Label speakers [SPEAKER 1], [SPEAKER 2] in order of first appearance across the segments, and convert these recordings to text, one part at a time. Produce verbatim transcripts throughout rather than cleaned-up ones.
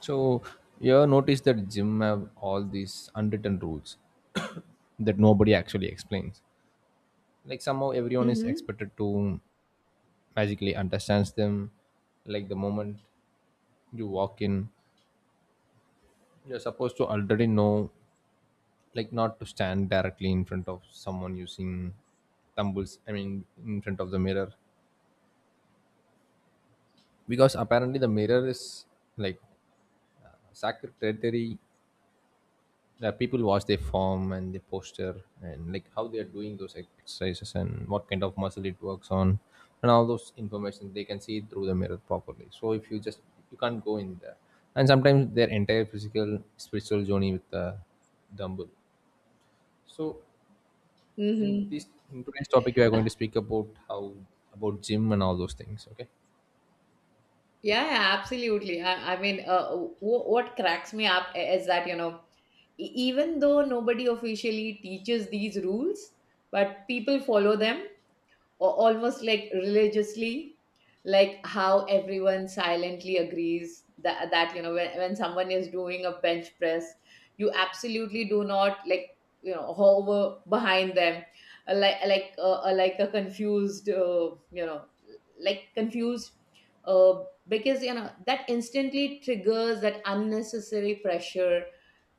[SPEAKER 1] So you notice that gym have all these unwritten rules that nobody actually explains. Like somehow everyone is
[SPEAKER 2] Mm-hmm.
[SPEAKER 1] expected to magically understands them. Like the moment you walk in, you're supposed to already know, like not to stand directly in front of someone using tumbles. I mean, in front of the mirror, because apparently the mirror is like sacred territory that people watch their form and their posture and like how they are doing those exercises and what kind of muscle it works on, and all those information they can see it through the mirror properly. So if you just, you can't go in there, and sometimes their entire physical spiritual journey with the dumbbell. So in this
[SPEAKER 2] Mm-hmm.
[SPEAKER 1] in today's topic we are going to speak about how, about gym and all those things, okay.
[SPEAKER 2] Yeah, yeah, absolutely. I, I mean, uh, w- what cracks me up is that, you know, e- even though nobody officially teaches these rules, but people follow them or almost like religiously, like how everyone silently agrees that, that you know when, when someone is doing a bench press, you absolutely do not, like, you know, hover behind them, uh, like like uh, uh, like a confused, uh, you know like confused, uh, because you know that instantly triggers that unnecessary pressure,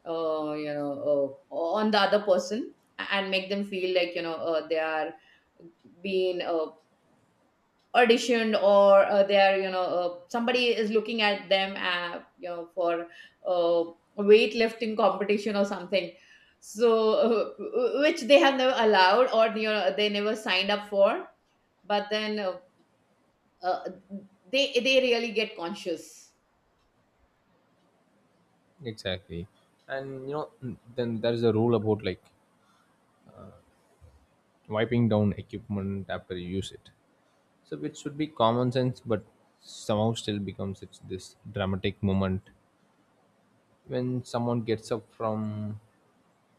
[SPEAKER 2] uh, you know, uh, on the other person and make them feel like, you know, uh, they are being uh, auditioned, or uh, they are, you know, uh, somebody is looking at them uh, you know for uh, weightlifting competition or something. So uh, w- which they have never allowed or, you know, they never signed up for, but then uh, uh, they they really get conscious.
[SPEAKER 1] Exactly. And you know, then there is a rule about like wiping down equipment after you use it. So it should be common sense, but somehow still becomes, it's this dramatic moment when someone gets up from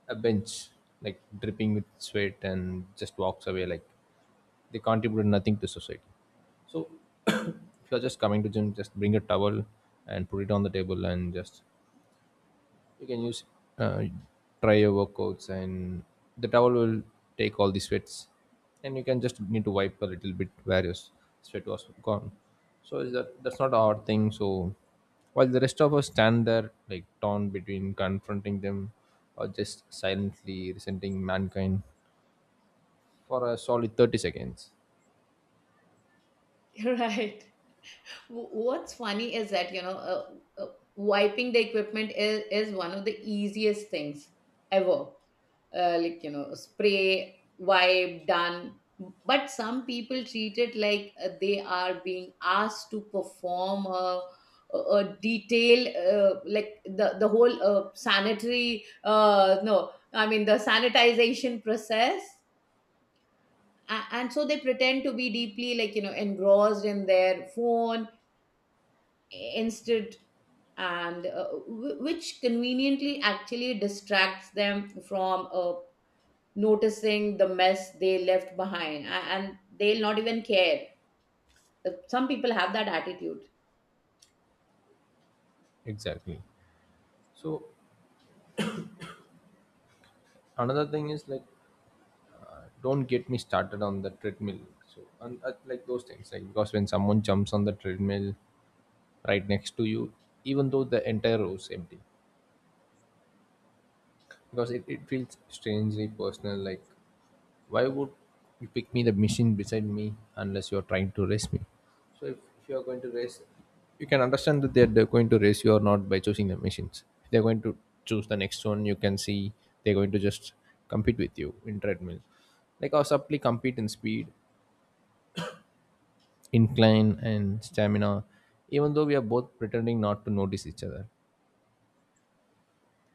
[SPEAKER 1] a bench, like dripping with sweat, and just walks away like they contribute nothing to society. So if you're just coming to gym, just bring a towel and put it on the table and just you can use uh, try your workouts, and the towel will take all the sweats, and you can just need to wipe a little bit where your s- sweat was gone. So is that, that's not our thing. So while the rest of us stand there like torn between confronting them, or just silently resenting mankind for a solid thirty seconds.
[SPEAKER 2] Right. W- What's funny is that, you know, uh, uh, wiping the equipment is, is one of the easiest things ever. Uh, like, you know, spray, wipe, done. But some people treat it like uh, they are being asked to perform a, a a detailed, uh, like the, the whole uh, sanitary, uh, no, I mean, the sanitization process. A- And so they pretend to be deeply, like, you know, engrossed in their phone instead, and uh, wh- which conveniently actually distracts them from uh, noticing the mess they left behind, a- and they'll not even care. Uh, some people have that attitude.
[SPEAKER 1] Exactly. So another thing is like, uh, don't get me started on the treadmill. So and, uh, like those things, like because when someone jumps on the treadmill right next to you, even though the entire row is empty. Because it, it feels strangely personal. Like, why would you pick me, the machine beside me, unless you're trying to race me? So, if, if you're going to race, you can understand that they're, they're going to race you or not by choosing the machines. If they're going to choose the next one, you can see they're going to just compete with you in treadmill. Like, our supply compete in speed, incline, and stamina, even though we are both pretending not to notice each other.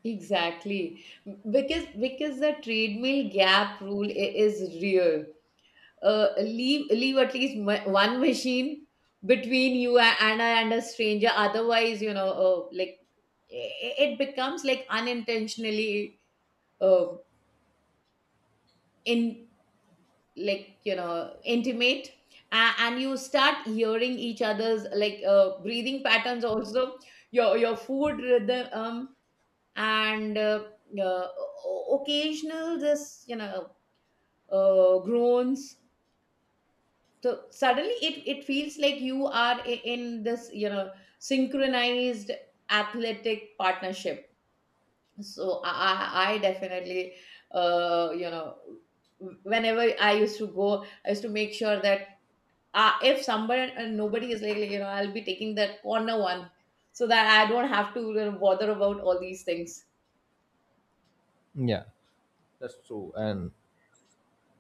[SPEAKER 2] Exactly, because because the treadmill gap rule i- is real. Uh, leave leave at least ma- one machine between you a- and a, and a stranger. Otherwise, you know, uh, like, i- i- it becomes like unintentionally uh, in like, you know, intimate, a- and you start hearing each other's like uh, breathing patterns also, your your food rhythm, um, and uh, uh, o- occasional this you know uh, groans, so suddenly it it feels like you are i- in this, you know, synchronized athletic partnership. So i i, I definitely, uh, you know, whenever I used to go I used to make sure that uh, if somebody, uh, nobody is like, like, you know, I'll be taking that corner one, so that I don't have to, you know, bother about all these things.
[SPEAKER 1] Yeah, that's true. And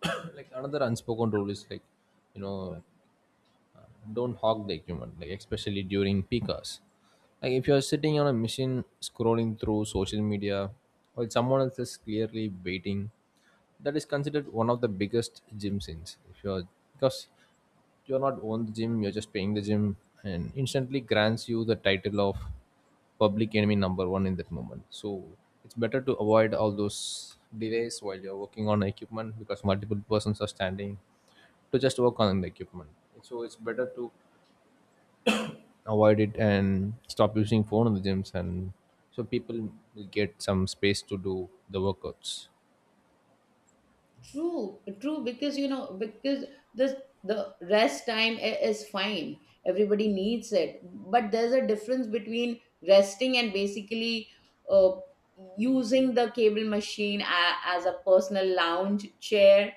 [SPEAKER 1] like another unspoken rule is like, you know, don't hog the equipment, like especially during peak hours. Like if you're sitting on a machine scrolling through social media while someone else is clearly waiting, that is considered one of the biggest gym sins. If you're, because you're not own the gym, you're just paying the gym, and instantly grants you the title of public enemy number one in that moment. So it's better to avoid all those delays while you're working on equipment, because multiple persons are standing to just work on the equipment. So it's better to avoid it and stop using phone in the gyms, and so people will get some space to do the workouts.
[SPEAKER 2] True, true, because, you know, because this, the rest time i- is fine. Everybody needs it, but there's a difference between resting and basically uh, using the cable machine a, as a personal lounge chair,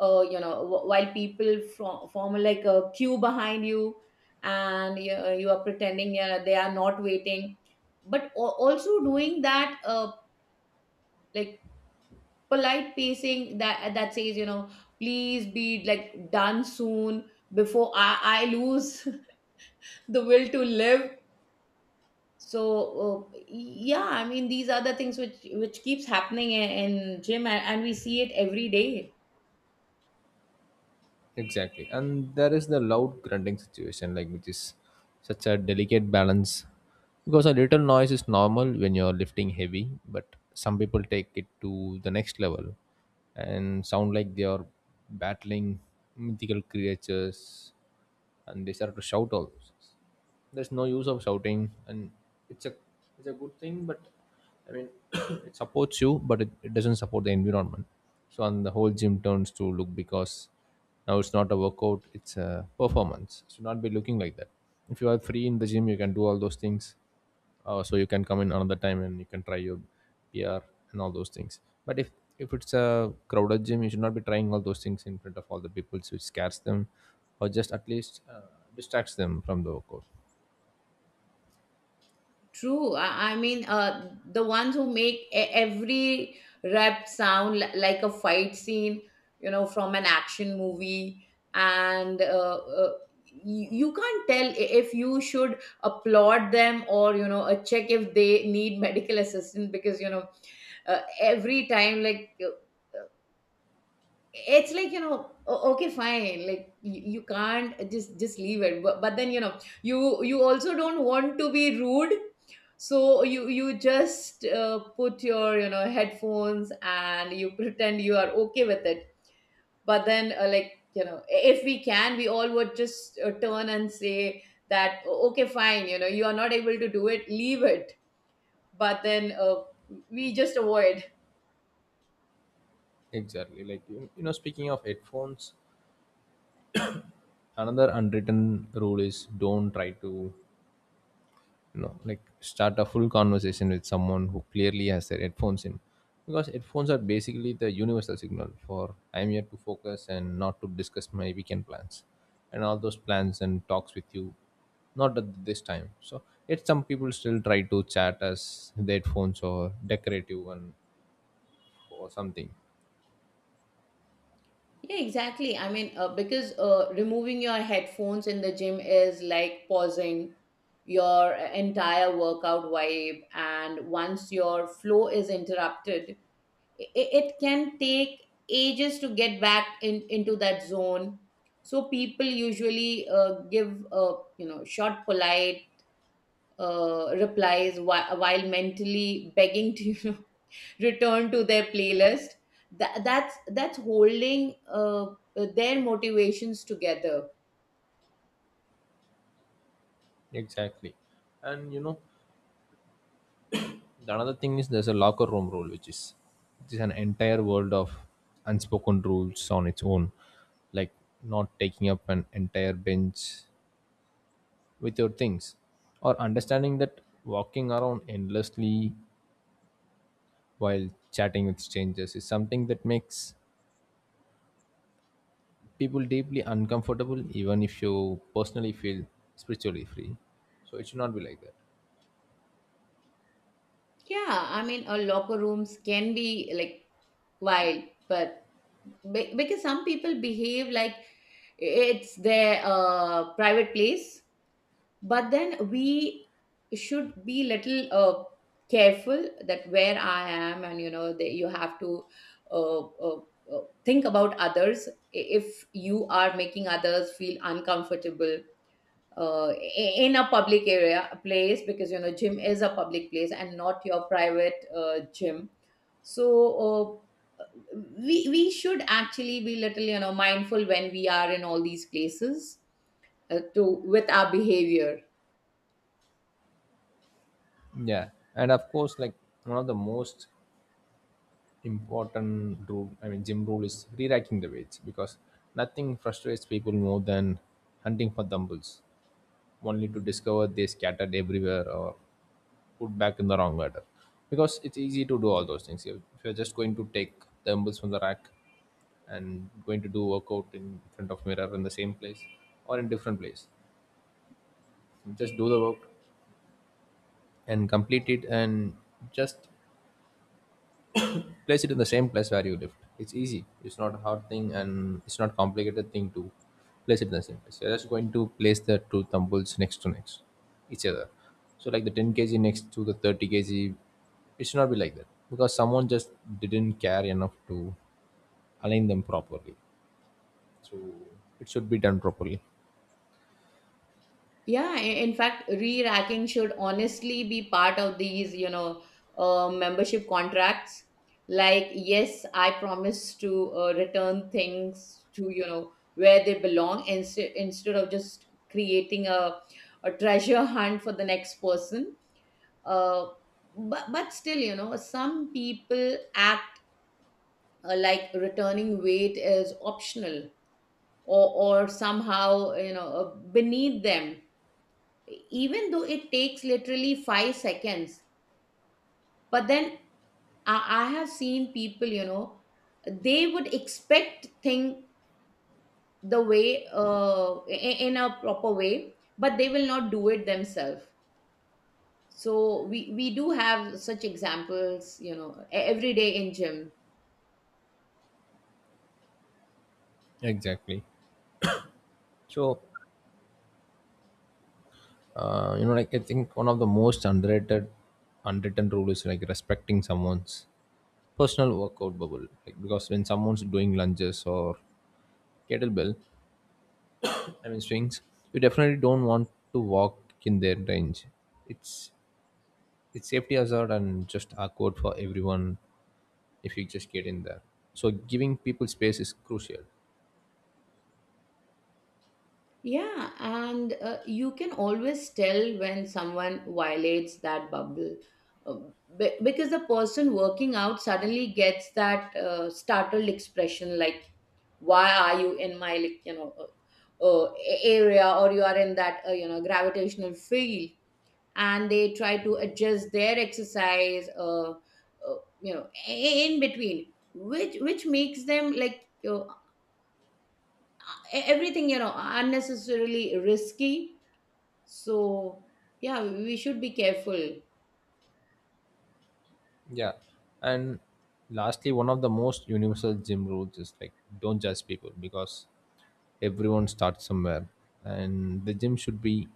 [SPEAKER 2] uh, you know, wh- while people from, form like a queue behind you, and you, uh, you are pretending uh, they are not waiting, but al- also doing that uh, like polite pacing that that says, you know, please be like done soon before i, I lose the will to live. So uh, yeah, I mean these are the things which which keeps happening in, in gym, and, and we see it every day.
[SPEAKER 1] Exactly. And there is the loud grunting situation, like, which is such a delicate balance because a little noise is normal when you're lifting heavy, but some people take it to the next level and sound like they are battling mythical creatures, and they start to shout all those things. There's no use of shouting. And it's a it's a good thing, but I mean, it supports you, but it, it doesn't support the environment. So and the whole gym turns to look, because now it's not a workout, it's a performance. Should not be looking like that. If you are free in the gym, you can do all those things. Uh, so you can come in another time and you can try your PR and all those things. But if if it's a crowded gym, you should not be trying all those things in front of all the people, so it scares them, or just at least uh, distracts them from the workout.
[SPEAKER 2] True. I, I mean, uh, the ones who make e every rep sound li- like a fight scene, you know, from an action movie, and uh, uh, you, you can't tell i- if you should applaud them, or you know, uh, check if they need medical assistance because, you know, uh, every time like. Uh, it's like, you know, o- okay fine, like you, you can't just just leave it, but, but then you know you you also don't want to be rude, so you you just uh, put your, you know, headphones and you pretend you are okay with it. But then uh, like you know, if we can we all would just uh, turn and say that, "O- Okay fine, you know, you are not able to do it, leave it." But then uh, we just avoid.
[SPEAKER 1] Exactly. Like you, you know, speaking of headphones, another unwritten rule is don't try to, you know, like start a full conversation with someone who clearly has their headphones in, because headphones are basically the universal signal for I'm here to focus and not to discuss my weekend plans, and all those plans and talks with you, not at this time. So yet some people still try to chat as their headphones or decorative one or something.
[SPEAKER 2] Yeah, exactly. I mean, uh, because uh, removing your headphones in the gym is like pausing your uh, entire workout vibe. And once your flow is interrupted, it, it can take ages to get back in, into that zone. So people usually uh, give, uh, you know, short, polite uh, replies while, while mentally begging to you know, return to their playlist that, that's that's holding uh, their motivations together.
[SPEAKER 1] Exactly, and you know. The another thing is there's a locker room rule, which is which is an entire world of unspoken rules on its own, like not taking up an entire bench with your things, or understanding that walking around endlessly while chatting with strangers is something that makes people deeply uncomfortable, even if you personally feel spiritually free. So it should not be like that.
[SPEAKER 2] Yeah, I mean uh, locker rooms can be like wild, but be- because some people behave like it's their uh, private place. But then we should be little uh, careful that where I am, and you know that you have to uh, uh, uh, think about others. I- if you are making others feel uncomfortable uh, i- in a public area a place, because you know gym is a public place and not your private uh, gym. So uh, we we should actually be little, you know, mindful when we are in all these places, uh, to with our behavior.
[SPEAKER 1] Yeah, and of course, like one of the most important rule, I mean gym rule, is re-racking the weights, because nothing frustrates people more than hunting for dumbbells only to discover they scattered everywhere, or put back in the wrong order. Because it's easy to do all those things. If if you're just going to take dumbbells from the rack and going to do workout in front of mirror in the same place or in different place, just do the work and complete it and just place it in the same place where you lived. It's easy, it's not a hard thing, and it's not complicated thing to place it in the same place. You're just going to place the two tumbles next to next each other. So like the ten kg next to the thirty kg. It should not be like that because someone just didn't care enough to align them properly. So it should be done properly.
[SPEAKER 2] Yeah, i- in fact, re-racking should honestly be part of these, you know, uh, membership contracts. Like, yes, I promise to uh, return things to, you know, where they belong instead instead of just creating a, a treasure hunt for the next person. Uh, but, but still, you know, some people act uh, like returning weight is optional, or, or somehow, you know, uh, beneath them, even though it takes literally five seconds. But then i, I have seen people, you know, they would expect thing the way uh, i- in a proper way, but they will not do it themselves. So we we do have such examples, you know, e- every day in gym.
[SPEAKER 1] Exactly. So uh, you know, like I think one of the most underrated unwritten rule is like respecting someone's personal workout bubble. Like because when someone's doing lunges or kettlebell, I mean swings, you definitely don't want to walk in their range. it's it's safety hazard and just awkward for everyone if you just get in there. So giving people space is crucial.
[SPEAKER 2] Yeah, and uh, you can always tell when someone violates that bubble, uh, be- because the person working out suddenly gets that uh, startled expression like, "Why are you in my like you know uh, uh, a- area?" or "You are in that uh, you know gravitational field," and they try to adjust their exercise, uh, uh, you know, i- in between, which which makes them like you know, e- everything you know unnecessarily risky. So, yeah, we should be careful.
[SPEAKER 1] Yeah, and lastly, one of the most universal gym rules is like don't judge people, because everyone starts somewhere and the gym should be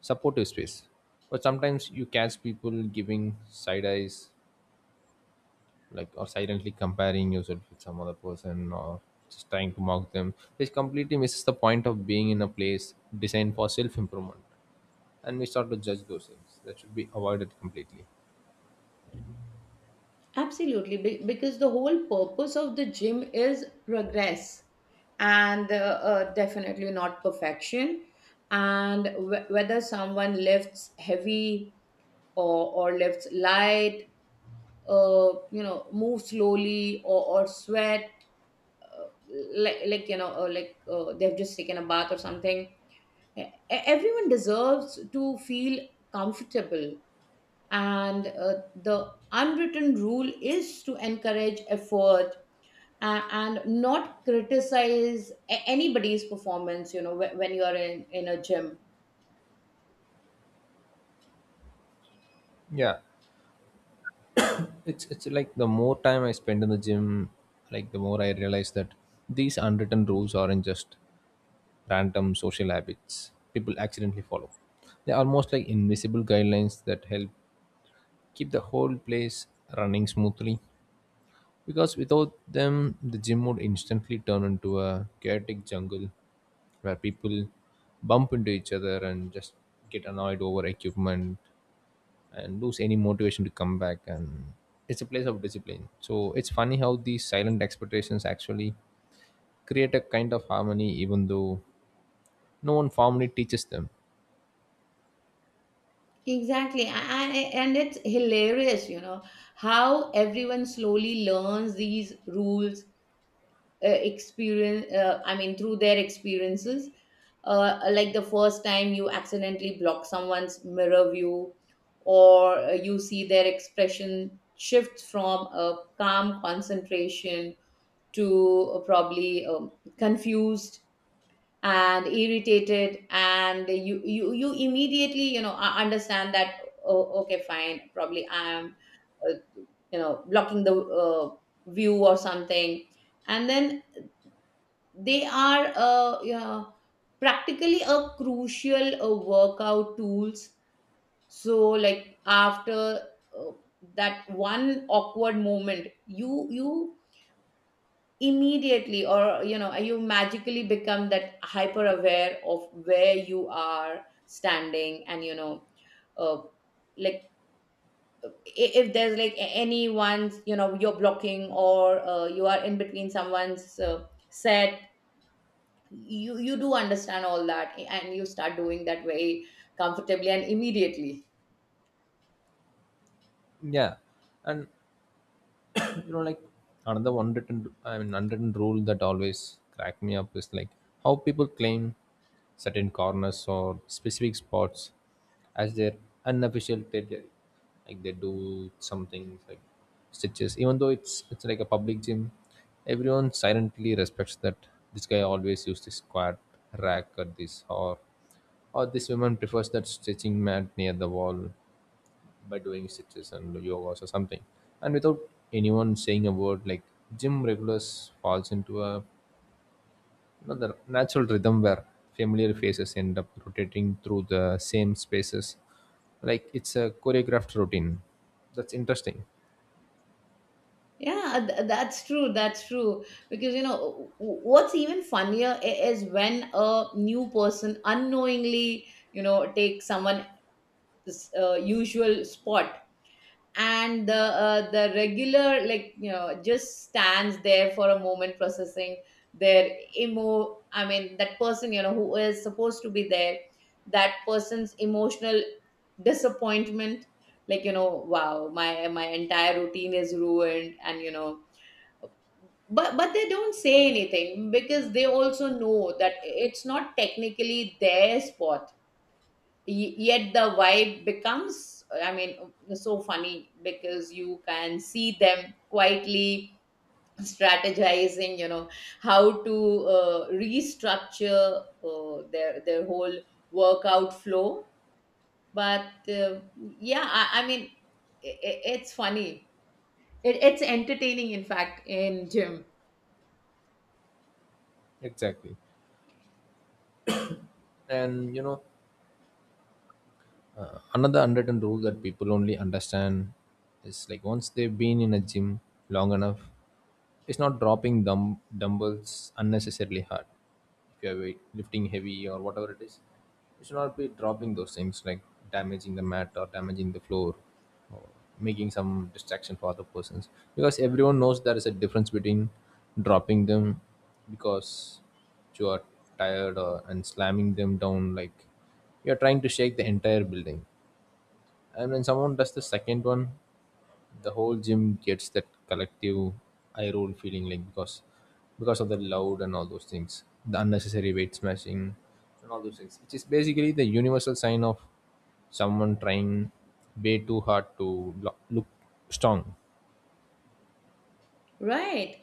[SPEAKER 1] supportive space. But sometimes you catch people giving side eyes, like, or silently comparing yourself with some other person, or just trying to mock them, which completely misses the point of being in a place designed for self improvement. And we start to judge those things that should be avoided completely.
[SPEAKER 2] Absolutely, be- because the whole purpose of the gym is progress, and uh, uh, definitely not perfection. And wh- whether someone lifts heavy, or, or lifts light, uh, you know, move slowly, or, or sweat, like, like you know, uh, like uh, they've just taken a bath or something, e- everyone deserves to feel comfortable, and uh, the unwritten rule is to encourage effort, uh, and not criticize a- anybody's performance, you know, wh- when you are in, in a gym.
[SPEAKER 1] Yeah, it's it's like the more time I spend in the gym, like the more I realize that these unwritten rules aren't just random social habits people accidentally follow. They're almost like invisible guidelines that help keep the whole place running smoothly. Because without them the gym would instantly turn into a chaotic jungle where people bump into each other, and just get annoyed over equipment, and lose any motivation to come back. And it's a place of discipline. So it's funny how these silent expectations actually create a kind of harmony, even though no one formally teaches them.
[SPEAKER 2] Exactly, and, and it's hilarious, you know, how everyone slowly learns these rules uh, experience uh, I mean through their experiences. Uh, like the first time you accidentally block someone's mirror view, or uh, you see their expression shifts from a calm concentration to uh, probably um, confused and irritated, and you you you immediately, you know, uh, understand that, oh, okay fine, probably I am uh, you know, blocking the uh, view or something. And then they are uh, yeah, practically a crucial uh, workout tools. So like after uh, that one awkward moment, you you immediately, or you know, you magically become that hyper aware of where you are standing, and you know uh, like, i- if there's like a- anyone's you know you're blocking, or uh, you are in between someone's uh, set, you you do understand all that, and you start doing that very comfortably and immediately.
[SPEAKER 1] Yeah, and you know, like another unwritten I mean unwritten rule that always crack me up is like how people claim certain corners or specific spots as their unofficial territory. Like they do something like stitches. Even though it's it's like a public gym, everyone silently respects that this guy always used this squat rack, or this, or or this woman prefers that stretching mat near the wall by doing stitches and yogas or something. And without anyone saying a word, like gym regulars falls into, a you know, the natural rhythm where familiar faces end up rotating through the same spaces, like it's a choreographed routine. That's interesting.
[SPEAKER 2] Yeah, th- that's true. That's true. Because, you know, w- w- what's even funnier i- is when a new person unknowingly, you know, takes someone's uh, usual spot, and the uh, the regular, like you know, just stands there for a moment processing their emo I mean that person, you know, who is supposed to be there, that person's emotional disappointment, like you know, wow, my my entire routine is ruined, and you know, but but they don't say anything because they also know that it's not technically their spot. Ye- yet the vibe becomes I mean so funny, because you can see them quietly strategizing, you know, how to uh, restructure uh, their their whole workout flow. But uh, yeah, I, I mean, i i- it's funny, it, it's entertaining in fact in gym.
[SPEAKER 1] Exactly, and you know, uh, another unwritten rule that people only understand is like once they've been in a gym long enough, it's not dropping dumb- dumbbells unnecessarily hard. If you're weight lifting heavy or whatever it is, you should not be dropping those things like damaging the mat or damaging the floor, or making some distraction for other persons. Because everyone knows there is a difference between dropping them because you are tired, or, and slamming them down like you're trying to shake the entire building. And when someone does the second one, the whole gym gets that collective eye roll feeling, like because because of the loud and all those things. The unnecessary weight smashing and all those things. Which is basically the universal sign of someone trying way too hard to lo- look strong.
[SPEAKER 2] Right.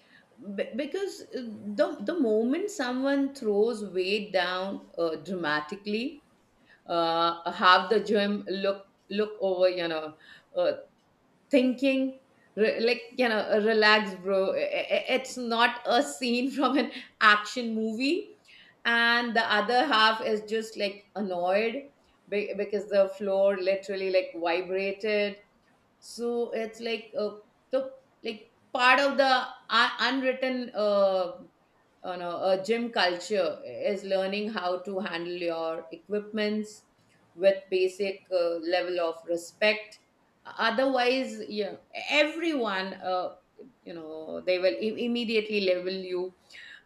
[SPEAKER 2] Be- because uh, the the moment someone throws weight down uh, dramatically, uh, have the gym look look over, you know, uh, thinking, re- like you know, uh, relax bro, I- I- it's not a scene from an action movie. And the other half is just like annoyed be- because the floor literally like vibrated. So it's like uh, the like part of the uh, unwritten uh, you know, a gym culture is learning how to handle your equipments with basic uh, level of respect. Otherwise, yeah, everyone, uh, you know, they will im- immediately label you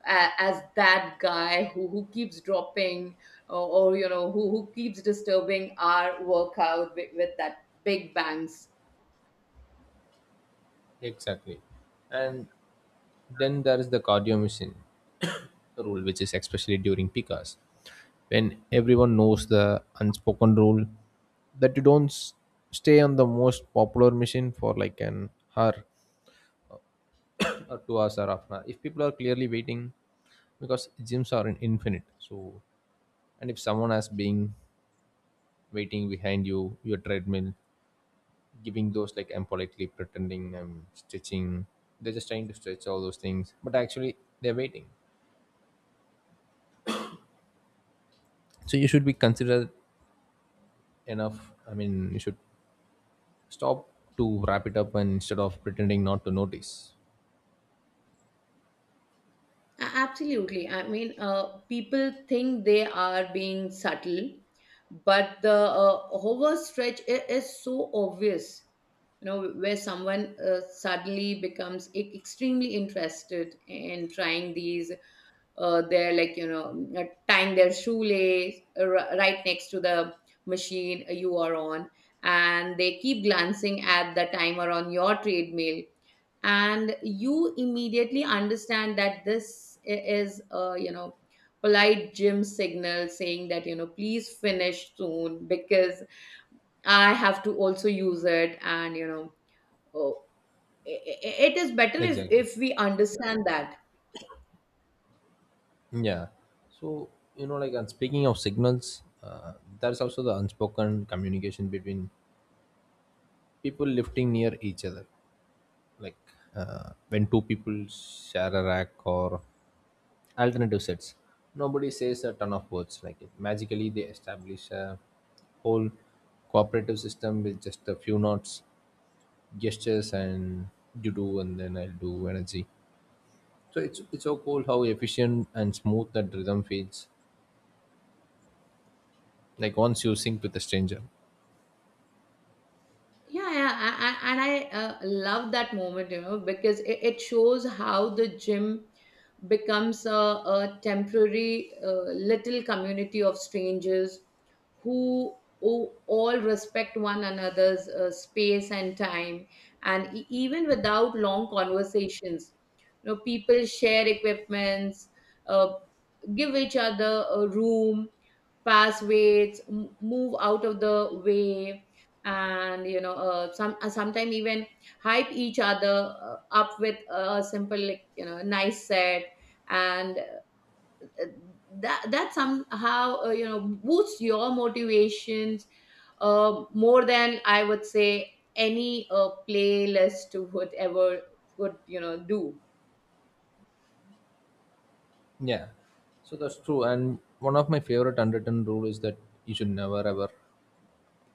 [SPEAKER 2] a- as that guy who, who keeps dropping, or, or you know who, who keeps disturbing our workout with, with that big bangs.
[SPEAKER 1] Exactly. And then there is the cardio machine rule, which is especially during peak hours, when everyone knows the unspoken rule that you don't s- stay on the most popular machine for like an hour or two hours or half an hour. If people are clearly waiting, because gyms are in infinite, so and if someone has been waiting behind you, your treadmill giving those like I'm politely pretending I'm stretching. They're just trying to stretch all those things, but actually they're waiting. So you should be considerate enough. I mean, you should stop to wrap it up and instead of pretending not to notice.
[SPEAKER 2] A- Absolutely. I mean, uh, people think they are being subtle, but the uh, overstretch i- is so obvious. You know, where someone uh, suddenly becomes e- extremely interested in trying these, uh, they're like, you know, uh, tying their shoelace uh, ri- right next to the machine uh, you are on, and they keep glancing at the timer on your treadmill and you immediately understand that this i- is a you know polite gym signal saying that you know please finish soon because I have to also use it and you know oh, i- i- it is better if
[SPEAKER 1] Exactly.
[SPEAKER 2] if we understand that.
[SPEAKER 1] Yeah. So you know, like, and speaking of signals, uh, there's also the unspoken communication between people lifting near each other, like uh, when two people share a rack or alternative sets. Nobody says a ton of words like it. Magically, they establish a whole cooperative system with just a few notes, gestures, and you do, and then I will do energy. So it's it's so cool how efficient and smooth that rhythm feels. Like once you sync with a stranger.
[SPEAKER 2] Yeah, yeah, a- a- and I uh, love that moment, you know, because it, it shows how the gym becomes a, a temporary uh, little community of strangers who, who all respect one another's uh, space and time, and e- even without long conversations, you know, people share equipments, uh, give each other a room, pass weights, m- move out of the way, and you know, uh, some uh, sometimes even hype each other uh, up with a simple, like, you know, nice set, and uh, that that somehow uh, you know boosts your motivations uh, more than I would say any uh, playlist would ever could you know do.
[SPEAKER 1] Yeah, so that's true. And one of my favorite unwritten rule is that you should never ever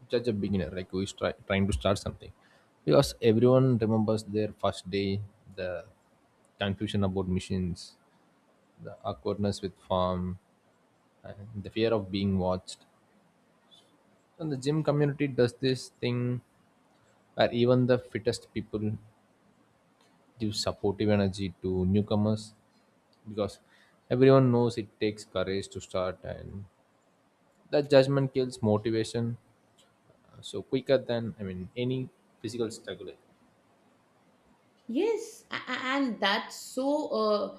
[SPEAKER 1] judge a beginner like who is try, trying to start something because everyone remembers their first day, the confusion about machines, the awkwardness with farm, and the fear of being watched, and the gym community does this thing where even the fittest people give supportive energy to newcomers because everyone knows it takes courage to start, and that judgment kills motivation uh, so quicker than I mean any physical struggle.
[SPEAKER 2] Yes, a- a- and that's so uh,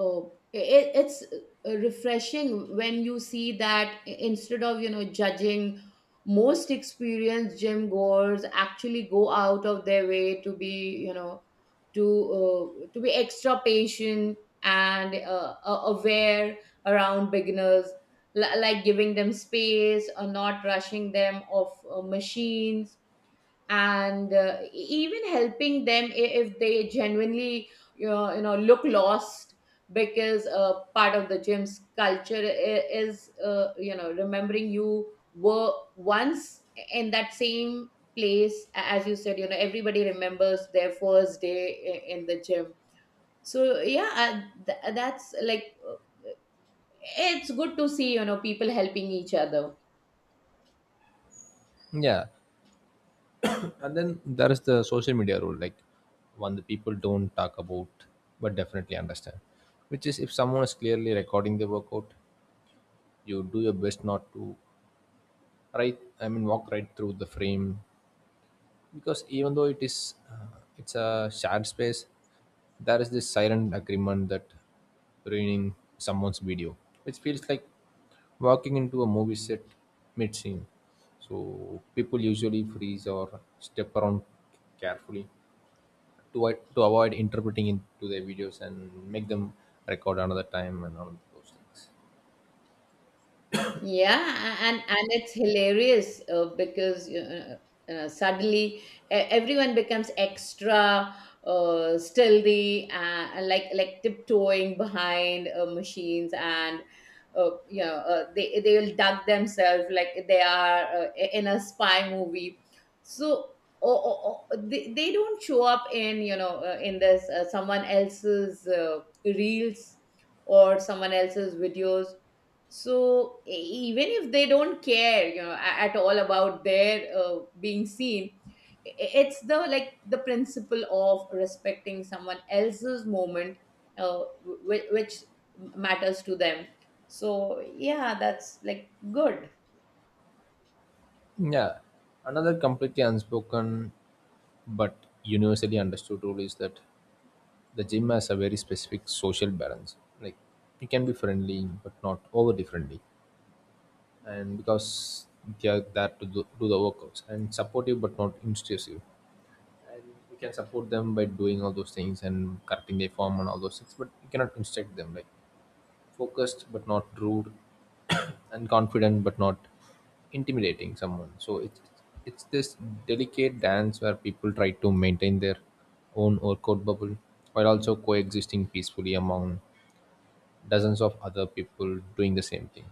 [SPEAKER 2] uh, it, it's uh, refreshing when you see that i- instead of you know judging, most experienced gym goers actually go out of their way to be you know to uh, to be extra patient and uh, a- aware around beginners, li- like giving them space or not rushing them off uh, machines and uh, e- even helping them i- if they genuinely you know, you know look lost because uh, part of the gym's culture i- is uh, you know remembering you were once in that same place. A- as you said, you know, everybody remembers their first day i- in the gym. So yeah, uh, th- that's like uh, it's good to see, you know, people helping each other.
[SPEAKER 1] Yeah. And then there is the social media rule, like one that people don't talk about but definitely understand, which is if someone is clearly recording the workout, you do your best not to, right. I mean, walk right through the frame because even though it is uh, it's a shared space, there is this silent agreement that ruining someone's video, which feels like walking into a movie set mid scene. So people usually freeze or step around carefully to a- to avoid interpreting into their videos and make them record another time and all those things.
[SPEAKER 2] Yeah, a- and and it's hilarious uh, because uh, uh, suddenly e- everyone becomes extra uh, stealthy, uh, and like like tiptoeing behind uh, machines, and uh, you know uh, they they will duck themselves like they are uh, i- in a spy movie. So. Oh, oh, oh, they, they don't show up in you know uh, in this uh, someone else's uh, reels or someone else's videos. So e- even if they don't care, you know a- at all about their uh, being seen, I- it's the like the principle of respecting someone else's moment, uh, whi- which matters to them. So yeah, that's like good.
[SPEAKER 1] Yeah, another completely unspoken but universally understood rule is that the gym has a very specific social balance. Like you can be friendly but not overly friendly, and because they are there to do, do the workouts, and supportive but not intrusive. And you can support them by doing all those things and correcting their form and all those things, but you cannot instruct them. Like focused but not rude, and confident but not intimidating someone. So it's it's this delicate dance where people try to maintain their own orchid bubble while also coexisting peacefully among dozens of other people doing the same thing.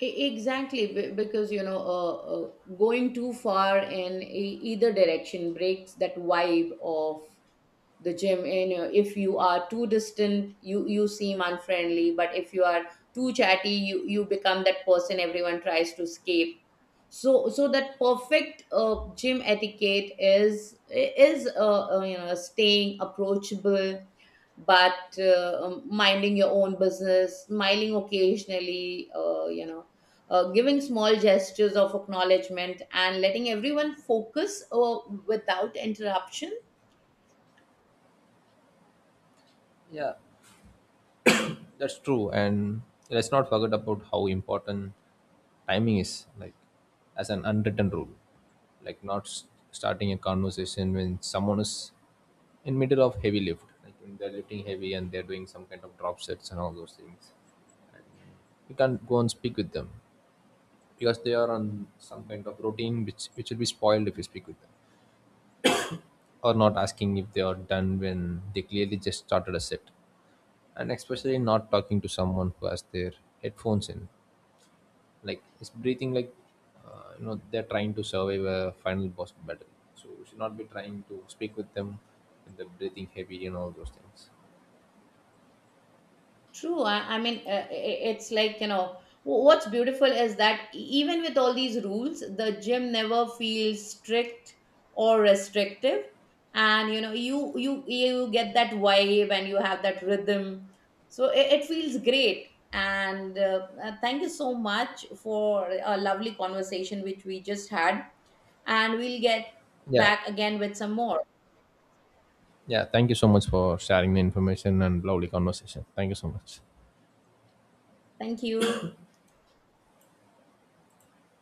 [SPEAKER 2] E- exactly, be- because, you know uh, uh, going too far in e- either direction breaks that vibe of the gym. And uh, if you are too distant, you you seem unfriendly, but if you are too chatty, you you become that person everyone tries to escape. So so that perfect uh, gym etiquette is is uh, uh, you know staying approachable but uh, um, minding your own business, smiling occasionally, uh, you know uh, giving small gestures of acknowledgement and letting everyone focus uh, without interruption.
[SPEAKER 1] Yeah. That's true, and let's not forget about how important timing is, like as an unwritten rule, like not s- starting a conversation when someone is in middle of heavy lift, like when they're lifting heavy and they're doing some kind of drop sets and all those things. You can't go and speak with them because they are on some kind of routine which which will be spoiled if you speak with them, or not asking if they are done when they clearly just started a set, and especially not talking to someone who has their headphones in, like it's breathing like uh, you know, they're trying to survive a final boss battle, so we should not be trying to speak with them with the breathing heavy and all those things.
[SPEAKER 2] True. I, I mean, uh, i- it's like, you know, wh- what's beautiful is that e- even with all these rules, the gym never feels strict or restrictive. And, you know, you you you get that vibe and you have that rhythm. So it, it feels great. And uh, uh, thank you so much for a lovely conversation which we just had. And we'll get
[SPEAKER 1] Yeah.
[SPEAKER 2] back again with some more.
[SPEAKER 1] Yeah, thank you so much for sharing the information and lovely conversation. Thank you so much.
[SPEAKER 2] Thank you.